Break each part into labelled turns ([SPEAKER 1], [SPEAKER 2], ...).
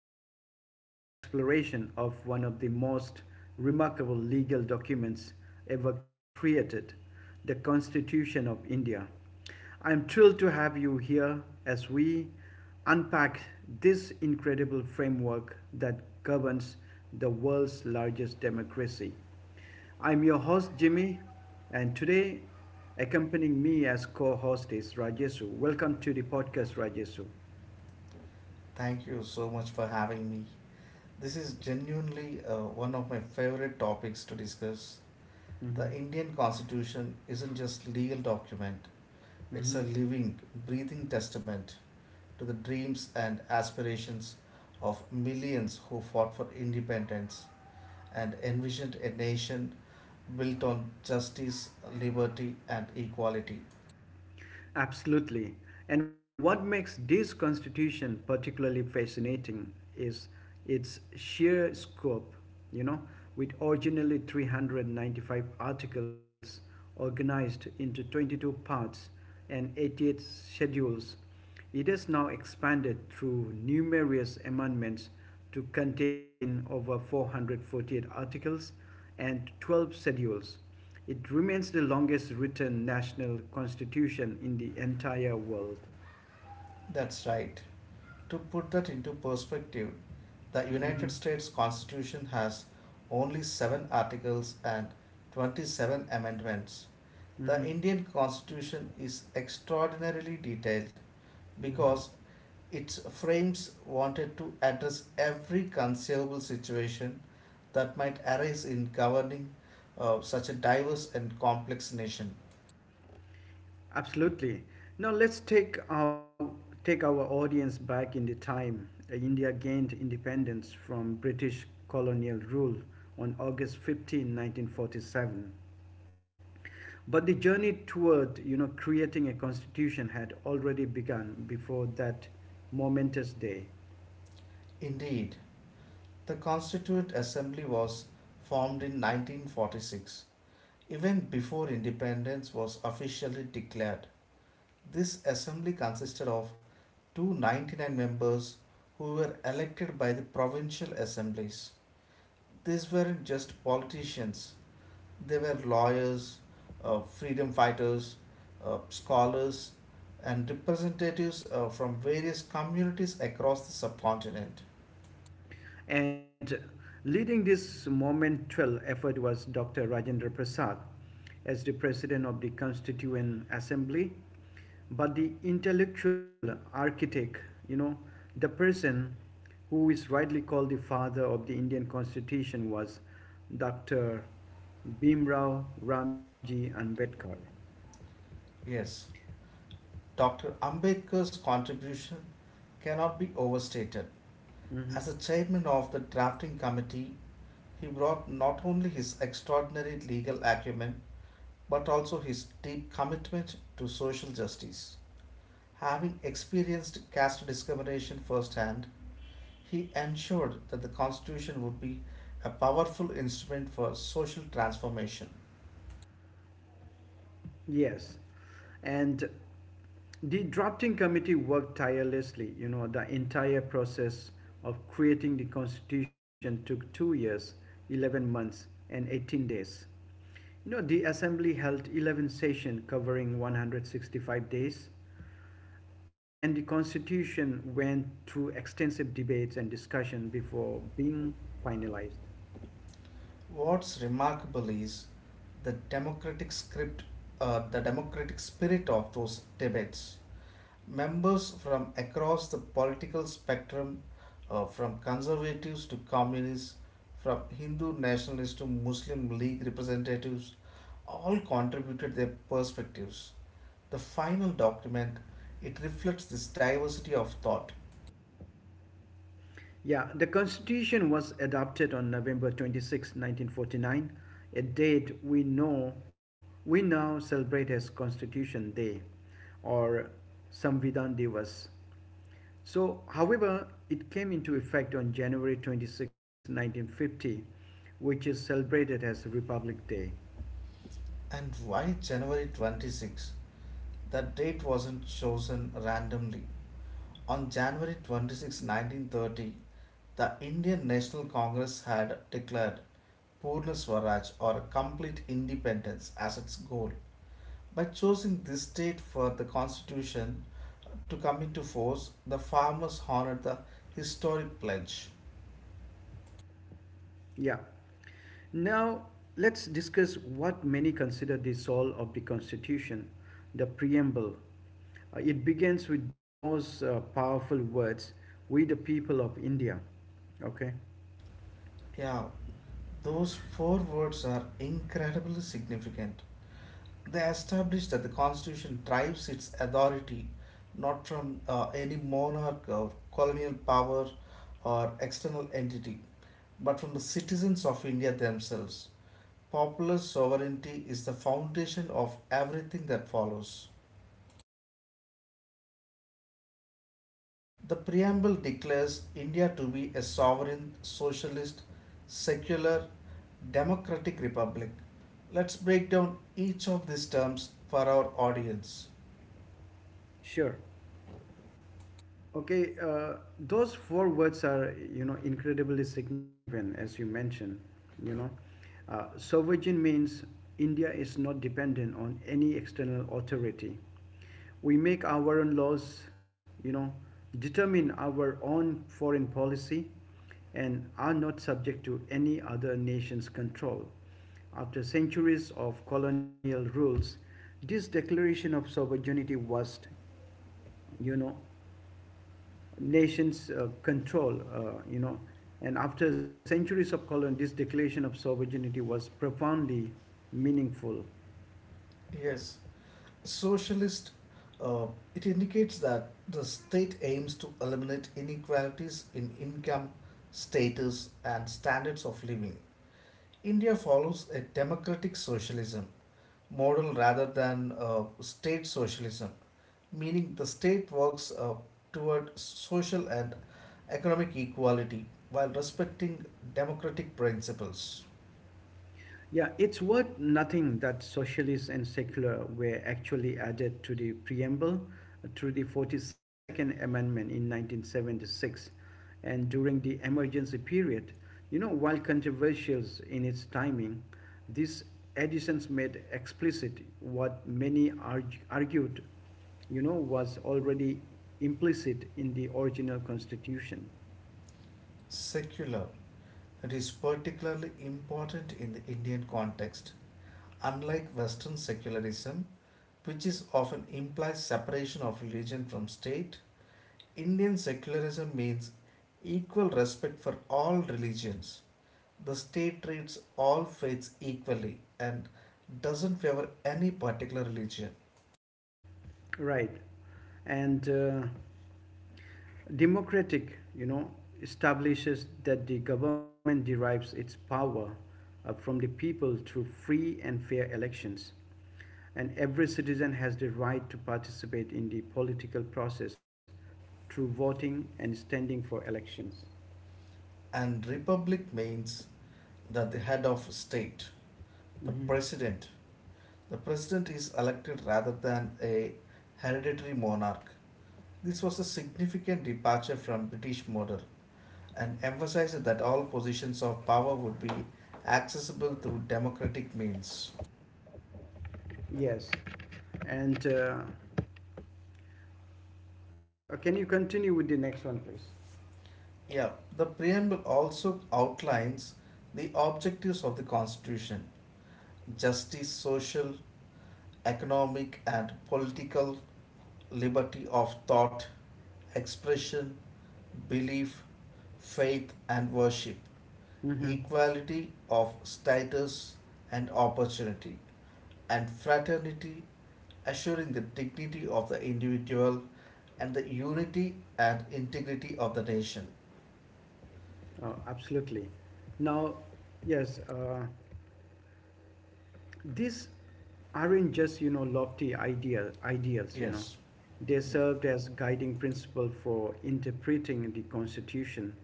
[SPEAKER 1] comprehensive exploration of one of the most remarkable legal documents ever created, the Constitution of India. I'm thrilled to have you here as we unpack this incredible framework that governs the world's largest democracy. I'm your host, Jimmy, and today, accompanying me as co host is Rajesu. Welcome to the podcast, Rajesu.
[SPEAKER 2] Thank you so much for having me. This is genuinely one of my favorite topics to discuss.
[SPEAKER 1] Mhm,
[SPEAKER 2] The Indian Constitution isn't just legal document, it's a
[SPEAKER 1] mhm.
[SPEAKER 2] living, breathing testament to the dreams and aspirations of millions who fought for independence and envisioned a nation built on justice, liberty and equality.
[SPEAKER 1] Absolutely. And what makes this constitution particularly fascinating is its sheer scope, you know, with originally 395 articles organized into 22 parts and 88 schedules. It has now expanded through numerous amendments to contain over 448 articles and 12 schedules. It remains the longest written national constitution in the entire world.
[SPEAKER 2] That's right. To put that into perspective, the
[SPEAKER 1] Mhm,
[SPEAKER 2] United States Constitution has only 7 articles and 27 amendments. The
[SPEAKER 1] mhm,
[SPEAKER 2] Indian Constitution is extraordinarily detailed because
[SPEAKER 1] mhm.
[SPEAKER 2] its frames wanted to address every conceivable situation that might arise in governing such a diverse and complex nation.
[SPEAKER 1] Absolutely. Now let's take our audience back in the time. India gained independence from British colonial rule on August 15, 1947. But the journey toward creating a constitution had already begun before that momentous day.
[SPEAKER 2] Indeed, the Constituent Assembly was formed in 1946, even before independence was officially declared. This assembly consisted of 299 members who were elected by the provincial assemblies. These weren't just politicians, they were lawyers, freedom fighters, scholars, and representatives from various communities across the subcontinent.
[SPEAKER 1] And leading this monumental effort was Dr. Rajendra Prasad as the president of the Constituent Assembly. But the intellectual architect, you know, the person who is rightly called the father of the Indian Constitution, was Dr. Bhimrao Ramji Ambedkar.
[SPEAKER 2] Yes, Dr. Ambedkar's contribution cannot be overstated. As
[SPEAKER 1] Mhm.
[SPEAKER 2] the chairman of the drafting committee, he brought not only his extraordinary legal acumen but also his deep commitment to social justice. Having experienced caste discrimination firsthand, he ensured that the Constitution would be a powerful instrument for social transformation.
[SPEAKER 1] Yes, and the drafting committee worked tirelessly. The entire process of creating the constitution took 2 years, 11 months, and 18 days. The assembly held 11 sessions covering 165 days, and the constitution went through extensive debates and discussion before being finalized.
[SPEAKER 2] What's remarkable is the democratic script, the democratic spirit of those debates. Members from across the political spectrum, from conservatives to communists, from Hindu nationalists to Muslim League representatives, all contributed their perspectives. The final document, it reflects this diversity of thought.
[SPEAKER 1] Yeah, the Constitution was adopted on November 26, 1949, a date we now celebrate as Constitution Day, or Samvidhan Divas. So, however, it came into effect on January 26, 1950, which is celebrated as Republic Day.
[SPEAKER 2] And why January 26? That date wasn't chosen randomly. On January 26, 1930, the Indian National Congress had declared Purna Swaraj or complete independence as its goal. By choosing this date for the constitution to come into force, the farmers honored the historic pledge.
[SPEAKER 1] Yeah. Now, let's discuss what many consider the soul of the Constitution, the preamble. It begins with those powerful words, "We the people of India." Okay,
[SPEAKER 2] Yeah, those four words are incredibly significant. They establish that the constitution derives its authority not from any monarch or colonial power or external entity, but from the citizens of India themselves. Popular sovereignty is the foundation of everything that follows. The preamble declares India to be a sovereign, socialist, secular, democratic republic. Let's break down each of these terms for our audience.
[SPEAKER 1] sure. Okay, those four words are incredibly significant as you mentioned. You know, sovereign means India is not dependent on any external authority. We make our own laws, you know, determine our own foreign policy, and are not subject to any other nation's control. After centuries of colonial rules, this declaration of sovereignty was, you know, nation's control. And after centuries of colon, this declaration of sovereignty was profoundly meaningful.
[SPEAKER 2] Yes, socialist. Uh, it indicates that the state aims to eliminate inequalities in income, status, and standards of living. India follows a democratic socialism model rather than state socialism, meaning the state works toward social and economic equality while respecting democratic principles.
[SPEAKER 1] Yeah, it's worth nothing that socialist and secular were actually added to the preamble through the 42nd Amendment in 1976 and during the emergency period. While controversial in its timing, these additions made explicit what many argued, was already implicit in the original constitution.
[SPEAKER 2] Secular. It is particularly important in the Indian context. Unlike Western secularism, which is often implies separation of religion from state, Indian secularism means equal respect for all religions. The state treats all faiths equally and doesn't favor any particular religion.
[SPEAKER 1] Right. And democratic, establishes that the government derives its power from the people through free and fair elections, and every citizen has the right to participate in the political process through voting and standing for elections.
[SPEAKER 2] And republic means that the head of state, the
[SPEAKER 1] Mhm.
[SPEAKER 2] president, the president is elected rather than a hereditary monarch. This was a significant departure from British model and emphasized that all positions of power would be accessible through democratic means.
[SPEAKER 1] Yes, and can you continue with the next one, please?
[SPEAKER 2] Yeah, the preamble also outlines the objectives of the constitution: justice, social, economic, and political liberty of thought, expression, belief, faith, and worship,
[SPEAKER 1] Mm-hmm.
[SPEAKER 2] equality of status and opportunity, and fraternity, assuring the dignity of the individual and the unity and integrity of the nation.
[SPEAKER 1] Oh, absolutely. Now, yes, these aren't just lofty ideals.
[SPEAKER 2] Yes.
[SPEAKER 1] They
[SPEAKER 2] Yeah.
[SPEAKER 1] served as guiding principle for interpreting the Constitution.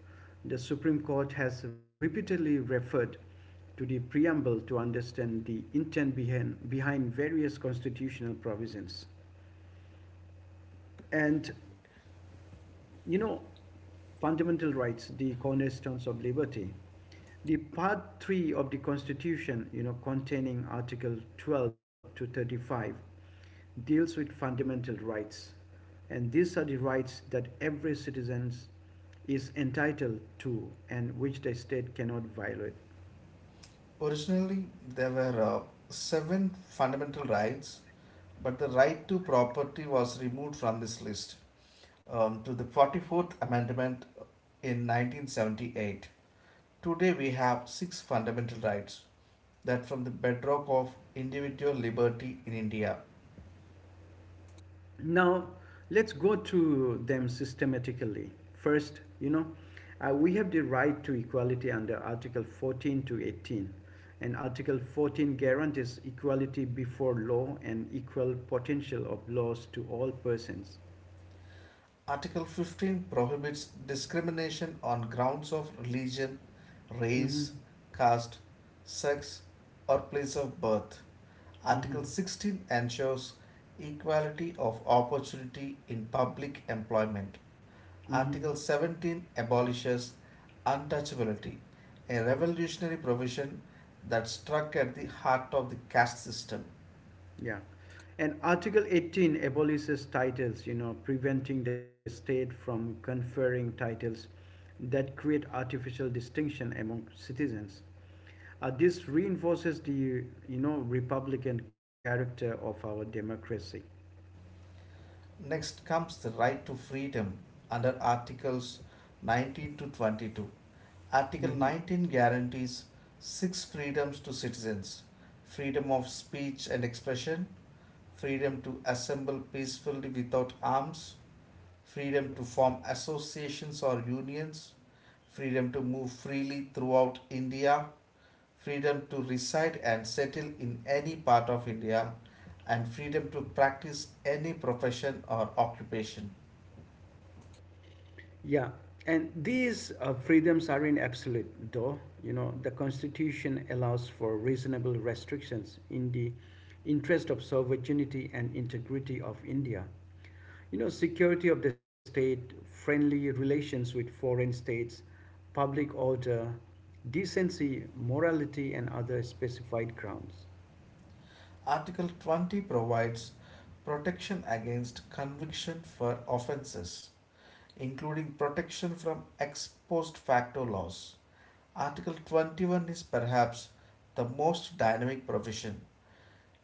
[SPEAKER 1] The Supreme Court has repeatedly referred to the preamble to understand the intent behind various constitutional provisions. And you know, fundamental rights, the cornerstones of liberty. The part 3 of the Constitution, containing Article 12 to 35, deals with fundamental rights. And these are the rights that every citizen is entitled to and which the state cannot violate.
[SPEAKER 2] Originally, there were seven fundamental rights, but the right to property was removed from this list to the 44th Amendment in 1978. Today we have six fundamental rights that form the bedrock of individual liberty in India.
[SPEAKER 1] Now, let's go through them systematically. First, we have the right to equality under Article 14 to 18. And Article 14 guarantees equality before law and equal potential of laws to all persons.
[SPEAKER 2] Article 15 prohibits discrimination on grounds of religion,
[SPEAKER 1] Hmm,
[SPEAKER 2] race, caste, sex, or place of birth.
[SPEAKER 1] hmm,
[SPEAKER 2] Article 16 ensures equality of opportunity in public employment.
[SPEAKER 1] hmm.
[SPEAKER 2] Article 17 abolishes untouchability, a revolutionary provision that struck at the heart of the caste system.
[SPEAKER 1] Yeah. And Article 18 abolishes titles, preventing the state from conferring titles that create artificial distinction among citizens. This reinforces the, republican character of our democracy.
[SPEAKER 2] Next comes the right to freedom under Articles 19 to 22. Article
[SPEAKER 1] Mhm.
[SPEAKER 2] 19 guarantees six freedoms to citizens: freedom of speech and expression, freedom to assemble peacefully without arms, freedom to form associations or unions, freedom to move freely throughout India, freedom to reside and settle in any part of India, and freedom to practice any profession or occupation.
[SPEAKER 1] Yeah, and these freedoms are in absolute, though. The Constitution allows for reasonable restrictions in the interest of sovereignty and integrity of India. Security of the state, friendly relations with foreign states, public order, decency, morality, and other specified grounds.
[SPEAKER 2] Article 20 provides protection against conviction for offences, including protection from ex post facto laws. Article 21 is perhaps the most dynamic provision.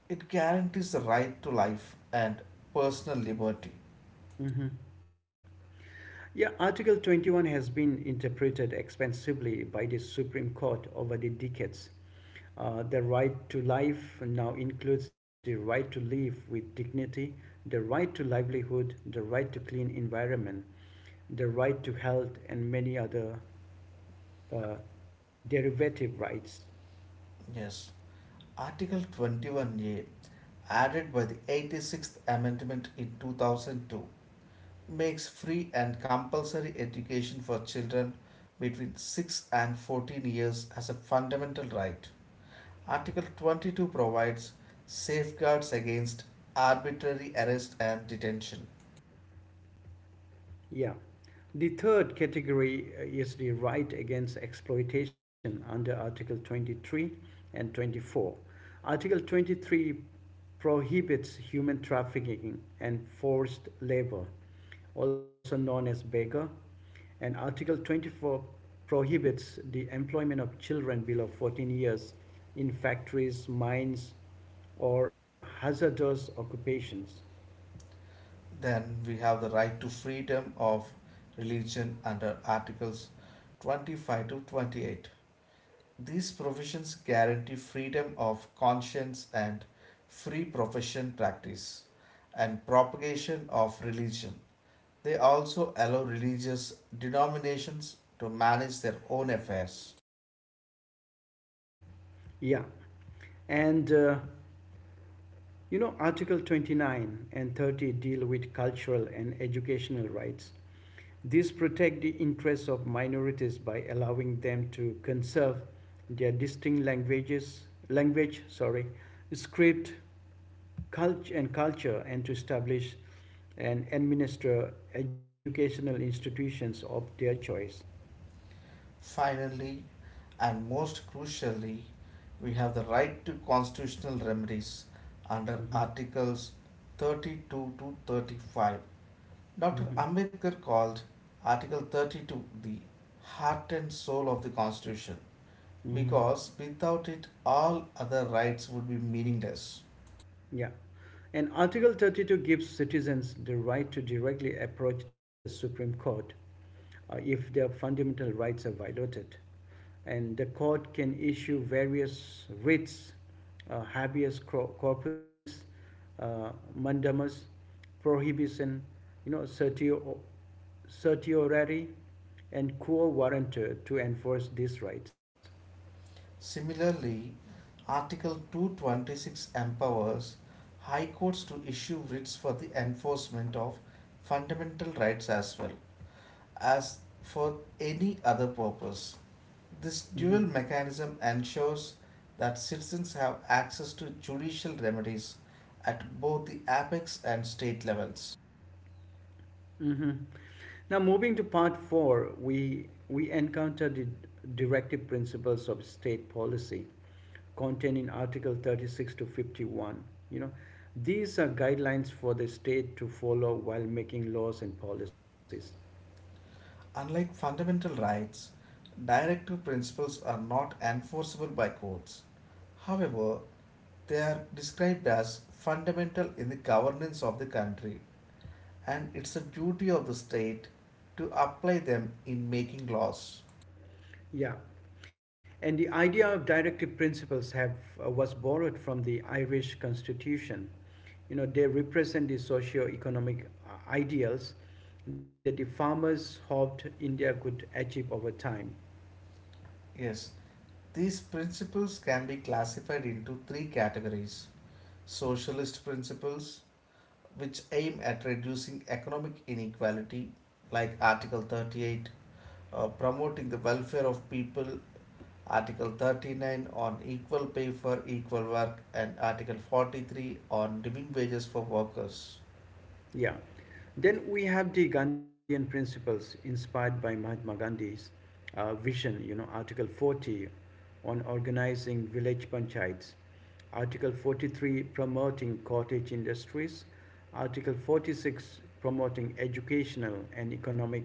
[SPEAKER 2] It guarantees the right to life and personal liberty.
[SPEAKER 1] Mhm. Yeah, Article 21 has been interpreted expansively by the Supreme Court over the decades. The right to life now includes the right to live with dignity, the right to livelihood, the right to clean environment, the right to health, and many other uh, derivative rights.
[SPEAKER 2] Yes. Article 21A, added by the 86th Amendment in 2002, makes free and compulsory education for children between 6 and 14 years as a fundamental right. Article 22 provides safeguards against arbitrary arrest and detention.
[SPEAKER 1] Yeah. The third category is the right against exploitation under Article 23 and 24. Article 23 prohibits human trafficking and forced labor, also known as beggar, and Article 24 prohibits the employment of children below 14 years in factories, mines, or hazardous occupations.
[SPEAKER 2] Then we have the right to freedom of religion under Articles 25 to 28. These provisions guarantee freedom of conscience and free profession practice and propagation of religion. They also allow religious denominations to manage their own affairs.
[SPEAKER 1] Yeah. And Article 29 and 30 deal with cultural and educational rights. These protect the interests of minorities by allowing them to conserve their distinct languages, language, sorry, script, and culture, and to establish and administer educational institutions of their choice.
[SPEAKER 2] Finally, and most crucially, we have the right to constitutional remedies under
[SPEAKER 1] Mhm.
[SPEAKER 2] Articles 32 to 35. Dr.
[SPEAKER 1] Mhm.
[SPEAKER 2] Ambedkar called Article 32 the heart and soul of the Constitution
[SPEAKER 1] Mhm.
[SPEAKER 2] because without it, all other rights would be meaningless.
[SPEAKER 1] Yeah. And Article 32 gives citizens the right to directly approach the Supreme Court if their fundamental rights are violated. And the court can issue various writs: habeas corpus, uh, mandamus, prohibition, you know, certio- certiorari, and quo warranto, to enforce these rights.
[SPEAKER 2] Similarly, Article 226 empowers High Courts to issue writs for the enforcement of fundamental rights, as well as for any other purpose. This dual
[SPEAKER 1] Hmm.
[SPEAKER 2] mechanism ensures that citizens have access to judicial remedies at both the apex and state levels.
[SPEAKER 1] Now, moving to part four, we encounter the directive principles of state policy, contained in Article 36 to 51. You know, these are guidelines for the state to follow while making laws and policies.
[SPEAKER 2] Unlike fundamental rights, directive principles are not enforceable by courts. However, they are described as fundamental in the governance of the country, and it's a duty of the state to apply them in making laws.
[SPEAKER 1] Yeah, and the idea of directive principles have, was borrowed from the Irish Constitution. They represent the socio-economic ideals that the farmers hoped India could achieve over time.
[SPEAKER 2] Yes, these principles can be classified into three categories: socialist principles, which aim at reducing economic inequality, like Article 38, promoting the welfare of people; Article 39 on equal pay for equal work; and Article 43 on living wages for workers.
[SPEAKER 1] Yeah. Then we have the Gandhian principles inspired by Mahatma Gandhi's vision: Article 40 on organizing village panchayats, Article 43 promoting cottage industries, Article 46 promoting educational and economic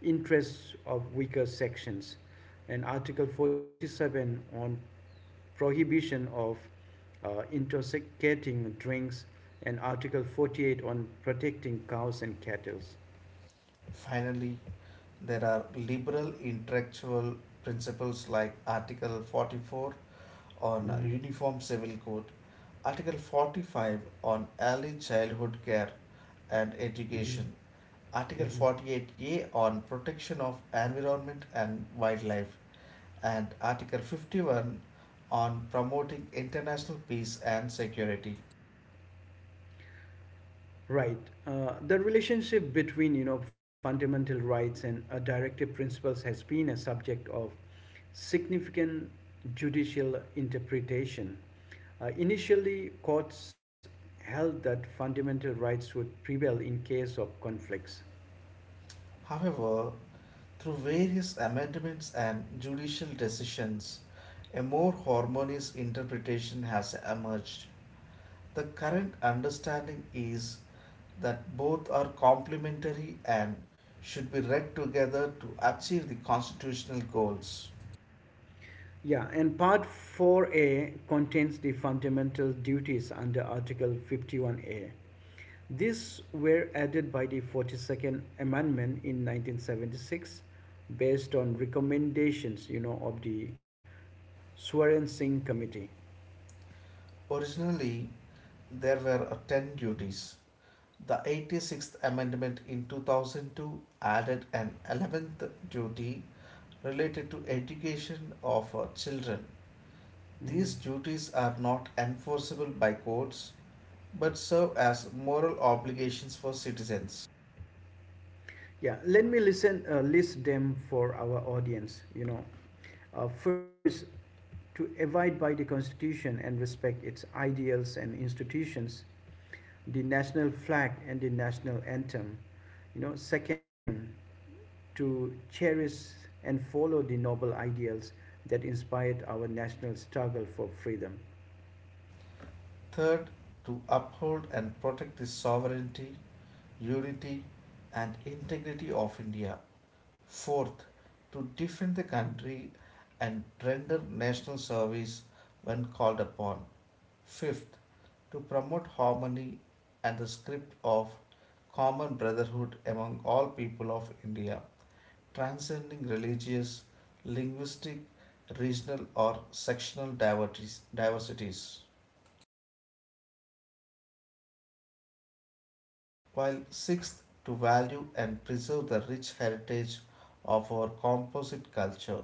[SPEAKER 1] interests of weaker sections, and Article 47 on prohibition of intoxicating drinks, and Article 48 on protecting cows and cattle.
[SPEAKER 2] Finally, there are liberal intellectual principles like Article 44 on
[SPEAKER 1] Mm-hmm.
[SPEAKER 2] Uniform Civil Code, Article 45 on Early Childhood Care and
[SPEAKER 1] Mm-hmm.
[SPEAKER 2] Education, Article
[SPEAKER 1] Mm-hmm.
[SPEAKER 2] 48A on Protection of Environment and Wildlife, and Article 51 on Promoting International Peace and Security.
[SPEAKER 1] Right. The relationship between, fundamental rights and directive principles has been a subject of significant judicial interpretation. Initially, courts held that fundamental rights would prevail in case of conflicts.
[SPEAKER 2] However, through various amendments and judicial decisions, a more harmonious interpretation has emerged. The current understanding is that both are complementary and should be read together to achieve the constitutional goals.
[SPEAKER 1] Yeah, and part 4A contains the fundamental duties under Article 51A. These were added by the 42nd Amendment in 1976 based on recommendations of the Swaran Singh Committee.
[SPEAKER 2] Originally, there were 10 duties. The 86th Amendment in 2002 added an 11th duty related to education of children. These
[SPEAKER 1] Mm.
[SPEAKER 2] duties are not enforceable by courts but serve as moral obligations for citizens.
[SPEAKER 1] Yeah, let me list them for our audience. First, to abide by the Constitution and respect its ideals and institutions, the national flag and the national anthem. Second, to cherish and follow the noble ideals that inspired our national struggle for freedom.
[SPEAKER 2] Third, to uphold and protect the sovereignty, unity, and integrity of India. Fourth, to defend the country and render national service when called upon. Fifth, to promote harmony and the script of common brotherhood among all people of India, transcending religious, linguistic, regional, or sectional diversities. While sixth, to value and preserve the rich heritage of our composite culture.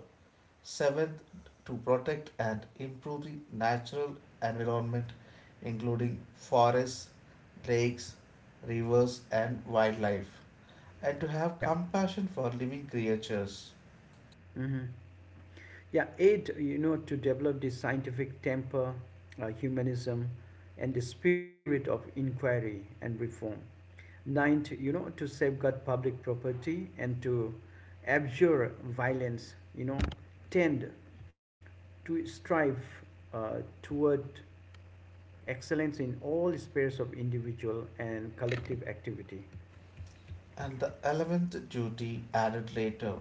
[SPEAKER 2] Seventh, to protect and improve the natural environment, including forests, lakes, rivers and wildlife, and to
[SPEAKER 1] Yeah.
[SPEAKER 2] have compassion for living creatures.
[SPEAKER 1] Hmm. Yeah. Eight, to develop the scientific temper, humanism, and the spirit of inquiry and reform. Ninth, to safeguard public property and to abjure violence. Tend to strive toward excellence in all spheres of individual and collective activity.
[SPEAKER 2] And the 11th duty added later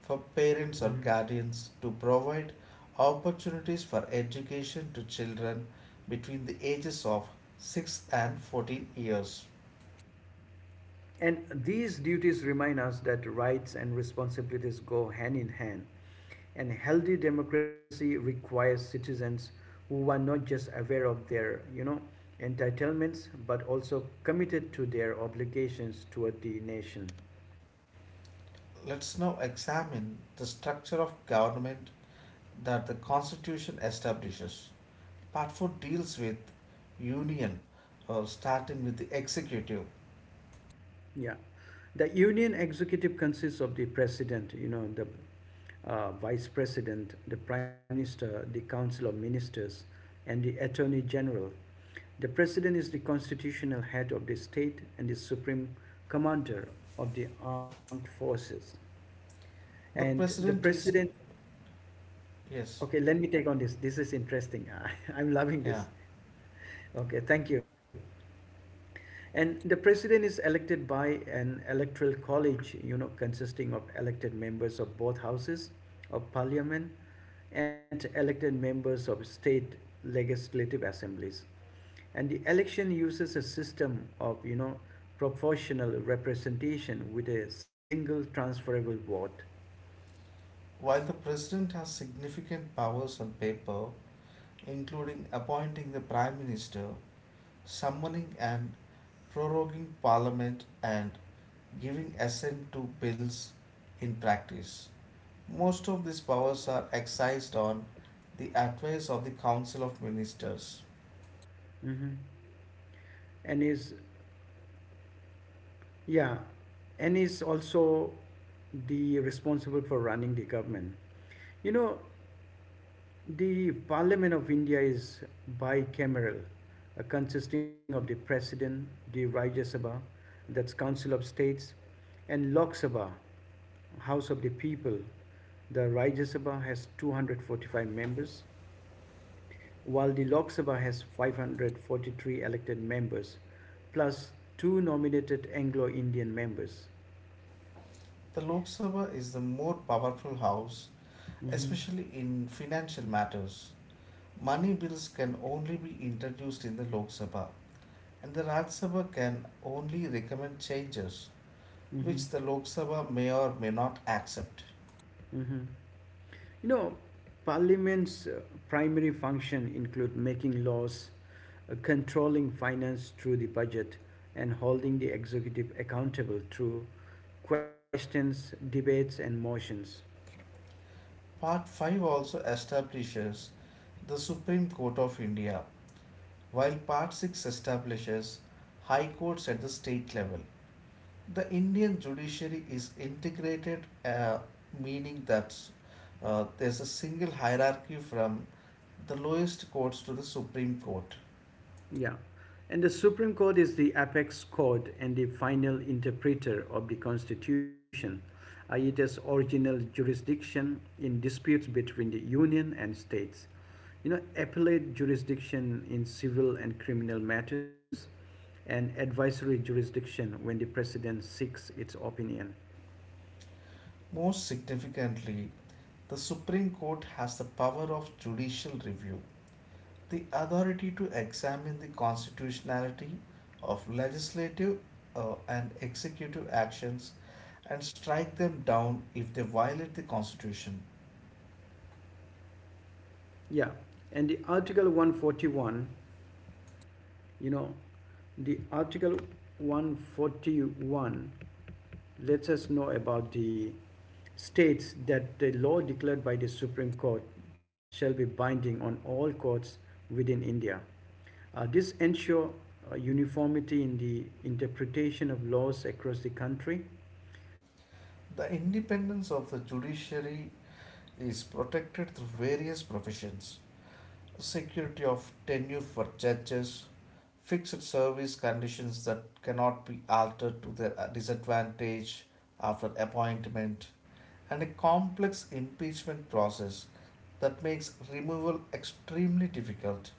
[SPEAKER 2] for parents or
[SPEAKER 1] Mm-hmm.
[SPEAKER 2] guardians to provide opportunities for education to children between the ages of 6 and 14 years.
[SPEAKER 1] And these duties remind us that rights and responsibilities go hand in hand. And healthy democracy requires citizens who are not just aware of their, entitlements, but also committed to their obligations toward the nation.
[SPEAKER 2] Let's now examine the structure of government that the constitution establishes. Part 4 deals with union, starting with the executive.
[SPEAKER 1] Yeah. The union executive consists of the president, the vice president, the prime minister, the council of ministers, and the attorney general. The president is the constitutional head of the state and the supreme commander of the armed forces.
[SPEAKER 2] The
[SPEAKER 1] And the
[SPEAKER 2] president is.
[SPEAKER 1] president,
[SPEAKER 2] Yes.
[SPEAKER 1] okay, let me take on this. This is interesting. I'm
[SPEAKER 2] Yeah.
[SPEAKER 1] loving this. Okay, thank you. And the president is elected by an electoral college, consisting of elected members of both houses of parliament and elected members of state legislative assemblies. And the election uses a system of, proportional representation with a single transferable vote.
[SPEAKER 2] While the president has significant powers on paper, including appointing the Prime Minister, summoning and proroguing Parliament, and giving assent to bills, in practice most of these powers are exercised on the advice of the Council of Ministers.
[SPEAKER 1] Mhm. And yeah, is also the responsible for running the government. You know, The Parliament of India is bicameral, consisting of the President, the Rajya Sabha, that's Council of States, and Lok Sabha, House of the People. The Rajya Sabha has 245 members, while the Lok Sabha has 543 elected members, plus two nominated Anglo Indian members.
[SPEAKER 2] The Lok Sabha is the more powerful house,
[SPEAKER 1] Mm-hmm.
[SPEAKER 2] especially in financial matters. Money bills can only be introduced in the Lok Sabha, and the Raj Sabha can only recommend changes,
[SPEAKER 1] Mm-hmm.
[SPEAKER 2] which the Lok Sabha may or may not accept.
[SPEAKER 1] Mm-hmm. You know, Parliament's primary function include making laws, controlling finance through the budget, and holding the executive accountable through questions, debates, and motions.
[SPEAKER 2] Part 5 also establishes the Supreme Court of India, while Part 6 establishes high courts at the state level. The Indian judiciary is integrated, meaning that there's a single hierarchy from the lowest courts to the Supreme Court.
[SPEAKER 1] Yeah. And the Supreme Court is the apex court and the final interpreter of the Constitution. It has original jurisdiction in disputes between the Union and states, appellate jurisdiction in civil and criminal matters, and advisory jurisdiction when the president seeks its opinion.
[SPEAKER 2] Most significantly, the Supreme Court has the power of judicial review: the authority to examine the constitutionality of legislative and executive actions and strike them down if they violate the constitution.
[SPEAKER 1] Yeah, and you know, the Article 141 lets us know about, the states that the law declared by the Supreme Court shall be binding on all courts within India. This ensure uniformity in the interpretation of laws across the country.
[SPEAKER 2] The independence of the judiciary is protected through various provisions: security of tenure for judges, fixed service conditions that cannot be altered to their disadvantage after appointment, and a complex impeachment process that makes removal extremely difficult.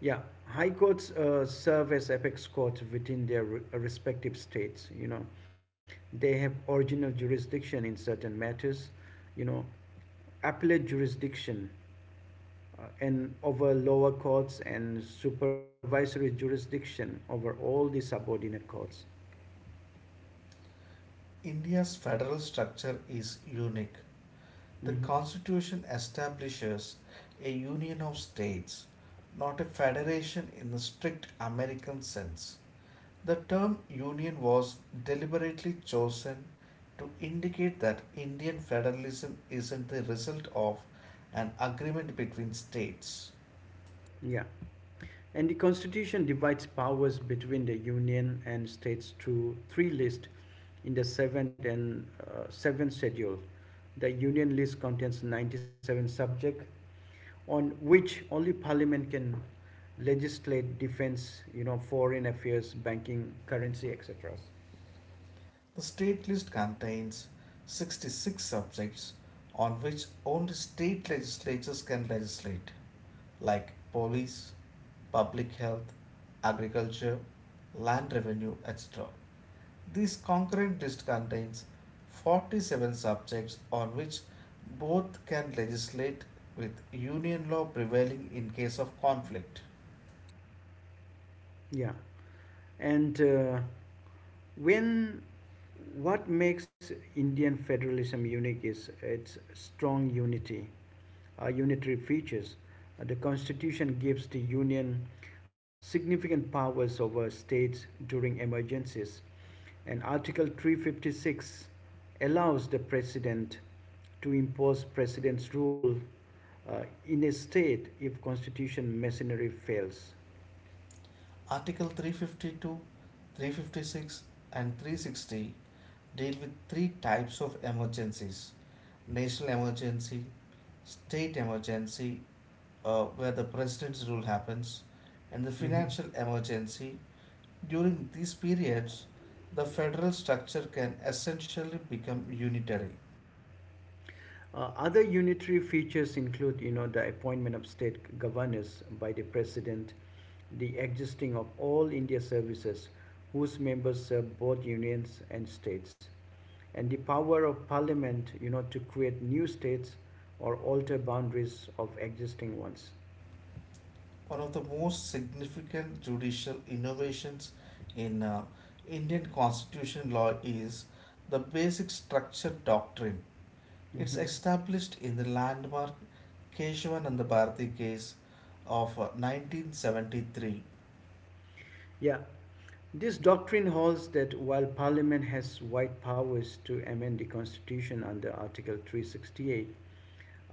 [SPEAKER 1] Yeah, high courts serve as apex courts within their respective states. They have original jurisdiction in certain matters. You know, Appellate jurisdiction and over lower courts, and supervisory jurisdiction over all the subordinate courts.
[SPEAKER 2] India's federal structure is unique. The
[SPEAKER 1] Hmm.
[SPEAKER 2] constitution establishes a union of states, not a federation in the strict American sense. The term union was deliberately chosen to indicate that Indian federalism isn't the result of an agreement between states.
[SPEAKER 1] Yeah. And the Constitution divides powers between the Union and states through three lists in the seventh schedule. The Union list contains 97 subjects on which only Parliament can legislate: defense, you know, foreign affairs, banking, currency, etc.
[SPEAKER 2] The state list contains 66 subjects on which only state legislatures can legislate, like police, public health, agriculture, land revenue, etc. This concurrent list contains 47 subjects on which both can legislate, with union law prevailing in case of conflict.
[SPEAKER 1] Yeah, and when what makes Indian federalism unique is its strong unity unitary features. The Constitution gives the Union significant powers over states during emergencies, and Article 356 allows the President to impose President's rule in a state if Constitution machinery fails.
[SPEAKER 2] Article 352, 356, and 360 deal with three types of emergencies: national emergency, state emergency, where the president's rule happens, and the
[SPEAKER 1] Mhm.
[SPEAKER 2] financial emergency. During these periods, the federal structure can essentially become unitary.
[SPEAKER 1] Other unitary features include, you know, the appointment of state governors by the president, the existing of all India services whose members serve both unions and states, and the power of parliament, you know, to create new states or alter boundaries of existing ones.
[SPEAKER 2] One of the most significant judicial innovations in Indian constitution law is the basic structure doctrine. It's
[SPEAKER 1] Mhm.
[SPEAKER 2] established in the landmark Keshwananda Bharati case of 1973.
[SPEAKER 1] Yeah, this doctrine holds that while Parliament has wide powers to amend the Constitution under Article 368,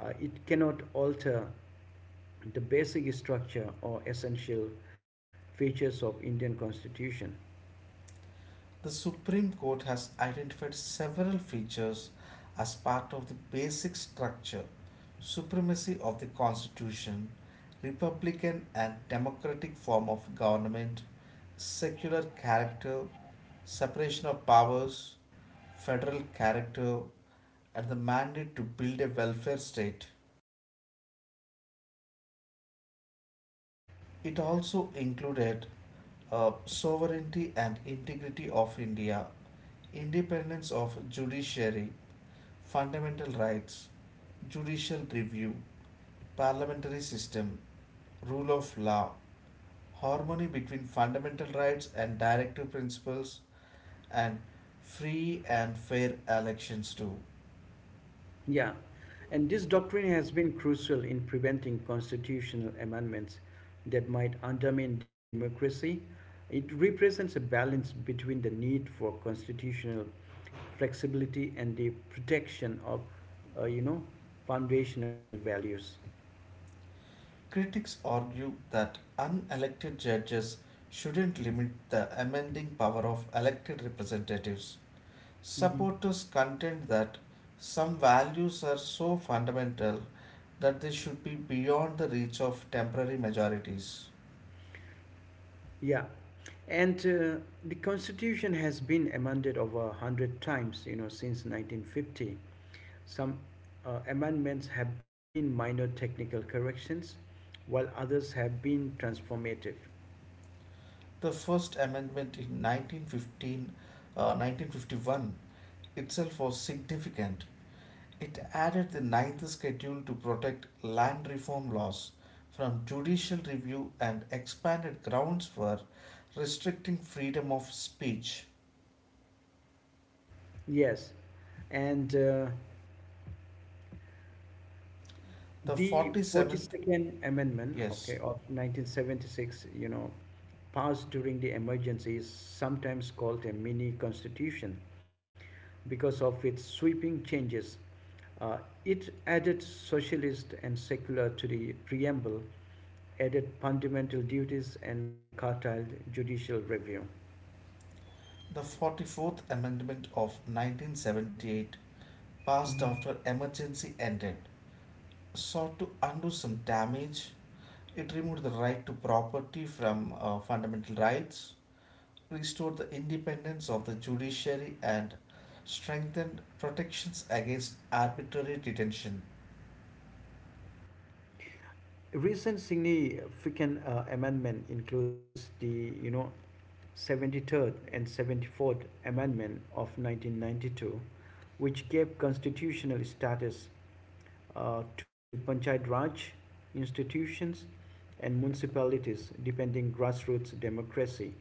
[SPEAKER 1] it cannot alter the basic structure or essential features of Indian constitution.
[SPEAKER 2] The Supreme Court has identified several features as part of the basic structure: supremacy of the Constitution, republican and democratic form of government, secular character, separation of powers, federal character, and the mandate to build a welfare state. It also included sovereignty and integrity of India, independence of judiciary, fundamental rights, judicial review, parliamentary system, rule of law, harmony between fundamental rights and directive principles, and free and fair elections too.
[SPEAKER 1] Yeah, and this doctrine has been crucial in preventing constitutional amendments that might undermine democracy. It represents a balance between the need for constitutional flexibility and the protection of, uh, you know, foundational values.
[SPEAKER 2] Critics argue that unelected judges shouldn't limit the amending power of elected representatives.
[SPEAKER 1] Hmm.
[SPEAKER 2] Supporters contend that some values are so fundamental that they should be beyond the reach of temporary majorities.
[SPEAKER 1] yeah, and The Constitution has been amended over a hundred times, you know, since 1950. Some amendments have been minor technical corrections, while others have been transformative.
[SPEAKER 2] The First Amendment in 1915, 1951 itself was significant. It added the ninth schedule to protect land reform laws from judicial review and expanded grounds for restricting freedom of speech.
[SPEAKER 1] Yes, and
[SPEAKER 2] The
[SPEAKER 1] the
[SPEAKER 2] 47th.
[SPEAKER 1] 42nd Amendment, okay,
[SPEAKER 2] Yes.
[SPEAKER 1] of 1976, you know, passed during the emergency is sometimes called a mini constitution because of its sweeping changes. Uh, it added socialist and secular to the preamble, added fundamental duties and curtailed judicial review.
[SPEAKER 2] The 44th Amendment of 1978, passed
[SPEAKER 1] Mm-hmm.
[SPEAKER 2] after emergency ended, sought to undo some damage. It removed the right to property from fundamental rights, restored the independence of the judiciary, and strengthened protections against arbitrary detention.
[SPEAKER 1] A recent significant amendment includes the, you know, 73rd and 74th amendment of 1992, which gave constitutional status to panchayat raj institutions and municipalities, depending grassroots democracy.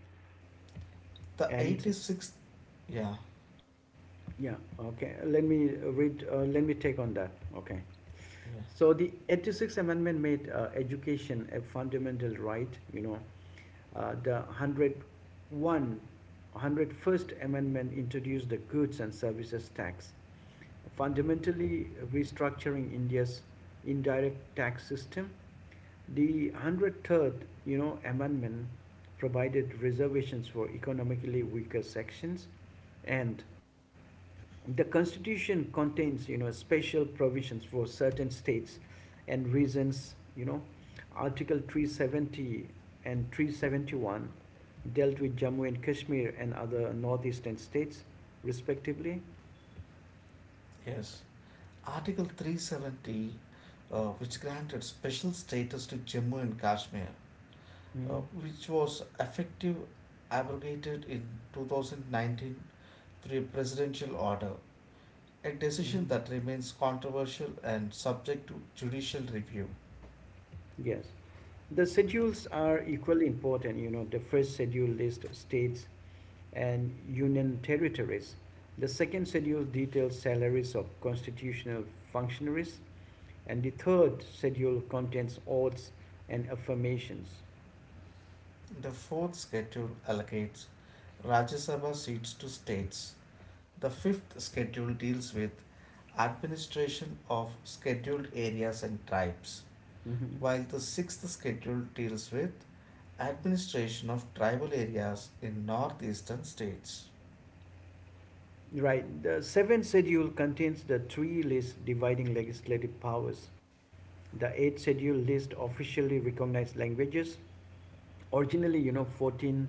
[SPEAKER 2] The
[SPEAKER 1] And
[SPEAKER 2] 86th. Yeah,
[SPEAKER 1] yeah, okay, let me take on that, okay.
[SPEAKER 2] yeah,
[SPEAKER 1] So the 86th Amendment made education a fundamental right, you know. The 101st Amendment introduced the goods and services tax, fundamentally restructuring India's indirect tax system. The 103rd, you know, Amendment provided reservations for economically weaker sections. And the constitution contains, you know, special provisions for certain states and reasons. You know, Article 370 and 371 dealt with Jammu and Kashmir and other northeastern states, respectively.
[SPEAKER 2] yes. Article 370, which granted special status to Jammu and Kashmir,
[SPEAKER 1] Mm-hmm.
[SPEAKER 2] which was effective abrogated in 2019 through a presidential order, a
[SPEAKER 1] Mm-hmm.
[SPEAKER 2] decision that remains controversial and subject to judicial review.
[SPEAKER 1] Yes. The schedules are equally important. You know, the first schedule lists states and union territories. The second schedule details salaries of constitutional functionaries. And the third schedule contains oaths and affirmations.
[SPEAKER 2] The fourth schedule allocates Rajya Sabha seats to states. The fifth schedule deals with administration of scheduled areas and tribes,
[SPEAKER 1] Mhm.
[SPEAKER 2] while the sixth schedule deals with administration of tribal areas in northeastern states.
[SPEAKER 1] Right. The seventh schedule contains the three lists dividing legislative powers. The eighth schedule lists officially recognized languages. Originally, you know, 14,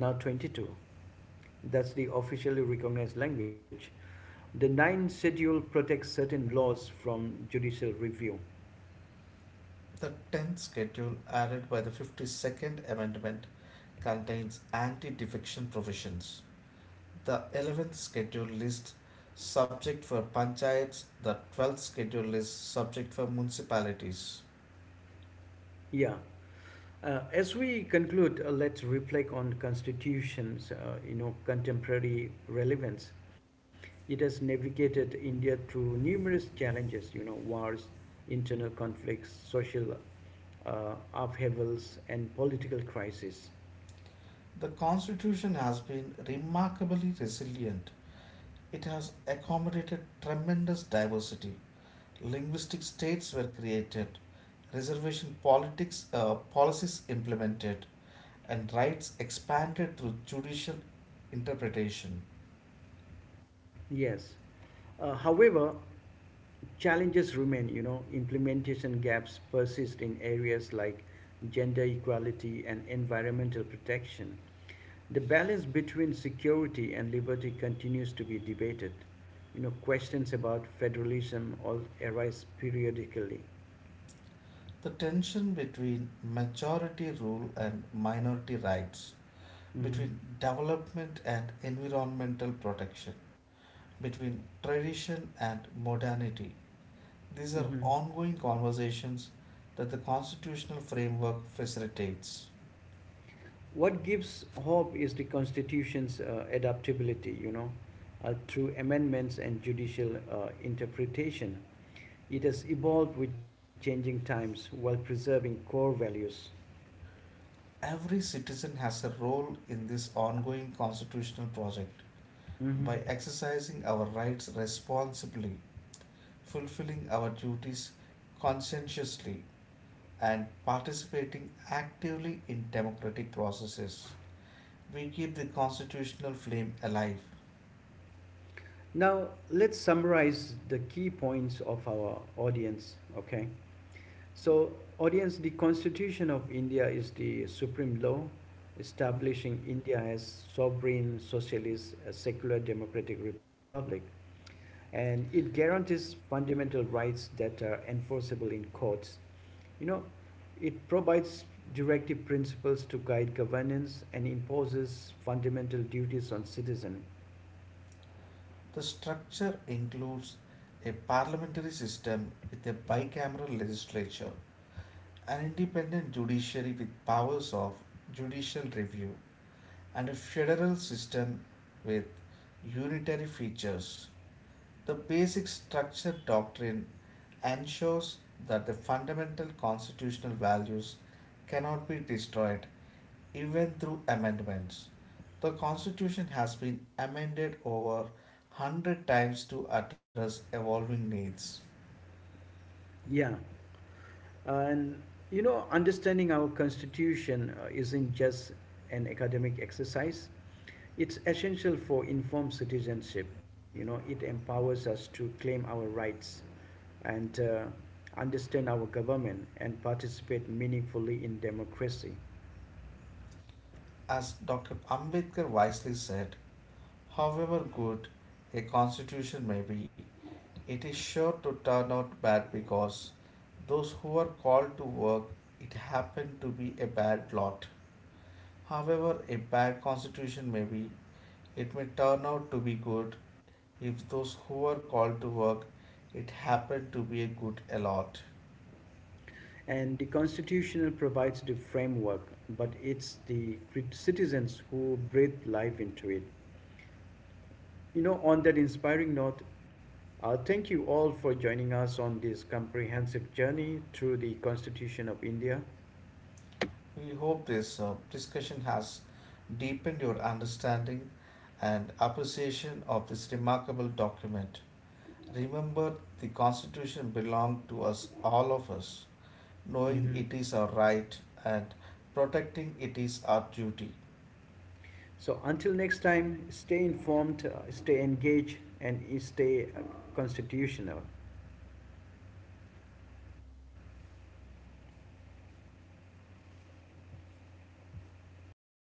[SPEAKER 1] now 22. That's the officially recognized language. The ninth schedule protects certain laws from judicial review.
[SPEAKER 2] The 10th schedule added by the 52nd Amendment contains anti defection provisions. The 11th schedule lists subject for panchayats, the 12th schedule lists subject for municipalities.
[SPEAKER 1] Yeah. As we conclude, let's reflect on the constitutions, you know, contemporary relevance. It has navigated India through numerous challenges, you know, wars, internal conflicts, social upheavals, and political crises.
[SPEAKER 2] The constitution has been remarkably resilient. It has accommodated tremendous diversity. Linguistic states were created, reservation politics policies implemented, and rights expanded through judicial interpretation.
[SPEAKER 1] Yes. However, challenges remain, you know, implementation gaps persist in areas like gender equality and environmental protection. The balance between security and liberty continues to be debated. You know, questions about federalism all arise periodically.
[SPEAKER 2] The tension between majority rule and minority rights,
[SPEAKER 1] Hmm.
[SPEAKER 2] between development and environmental protection, between tradition and modernity, these are
[SPEAKER 1] Hmm.
[SPEAKER 2] ongoing conversations that the constitutional framework facilitates.
[SPEAKER 1] What gives hope is the Constitution's adaptability, you know, through amendments and judicial interpretation. It has evolved with changing times while preserving core values.
[SPEAKER 2] Every citizen has a role in this ongoing constitutional project.
[SPEAKER 1] Hmm.
[SPEAKER 2] By exercising our rights responsibly, fulfilling our duties conscientiously, and participating actively in democratic processes, we keep the constitutional flame alive.
[SPEAKER 1] Now, let's summarize the key points of our audience, okay? So, audience, the Constitution of India is the supreme law, establishing India as sovereign, socialist, secular democratic republic, and it guarantees fundamental rights that are enforceable in courts. You know, it provides directive principles to guide governance and imposes fundamental duties on citizens.
[SPEAKER 2] The structure includes a parliamentary system with a bicameral legislature, an independent judiciary with powers of judicial review, and a federal system with unitary features. The basic structure doctrine ensures that the fundamental constitutional values cannot be destroyed even through amendments. The Constitution has been amended over 100 times to address evolving needs.
[SPEAKER 1] Yeah, and you know, understanding our constitution isn't just an academic exercise. It's essential for informed citizenship. You know, it empowers us to claim our rights and understand our government and participate meaningfully in democracy.
[SPEAKER 2] As Dr. Ambedkar wisely said, however good a constitution may be, it is sure to turn out bad because those who are called to work, it happened to be a bad lot. However, a bad constitution may be, it may turn out to be good if those who are called to work it happen to be a good allot.
[SPEAKER 1] And the constitution provides the framework, but it's the citizens who breathe life into it. You know, on that inspiring note, thank you all for joining us on this comprehensive journey through the Constitution of India.
[SPEAKER 2] We hope this discussion has deepened your understanding and appreciation of this remarkable document. Remember, the constitution belongs to us, all of us. Knowing
[SPEAKER 1] Mhm.
[SPEAKER 2] it is our right and protecting it is our duty.
[SPEAKER 1] So, until next time, stay informed, stay engaged, and stay constitutional.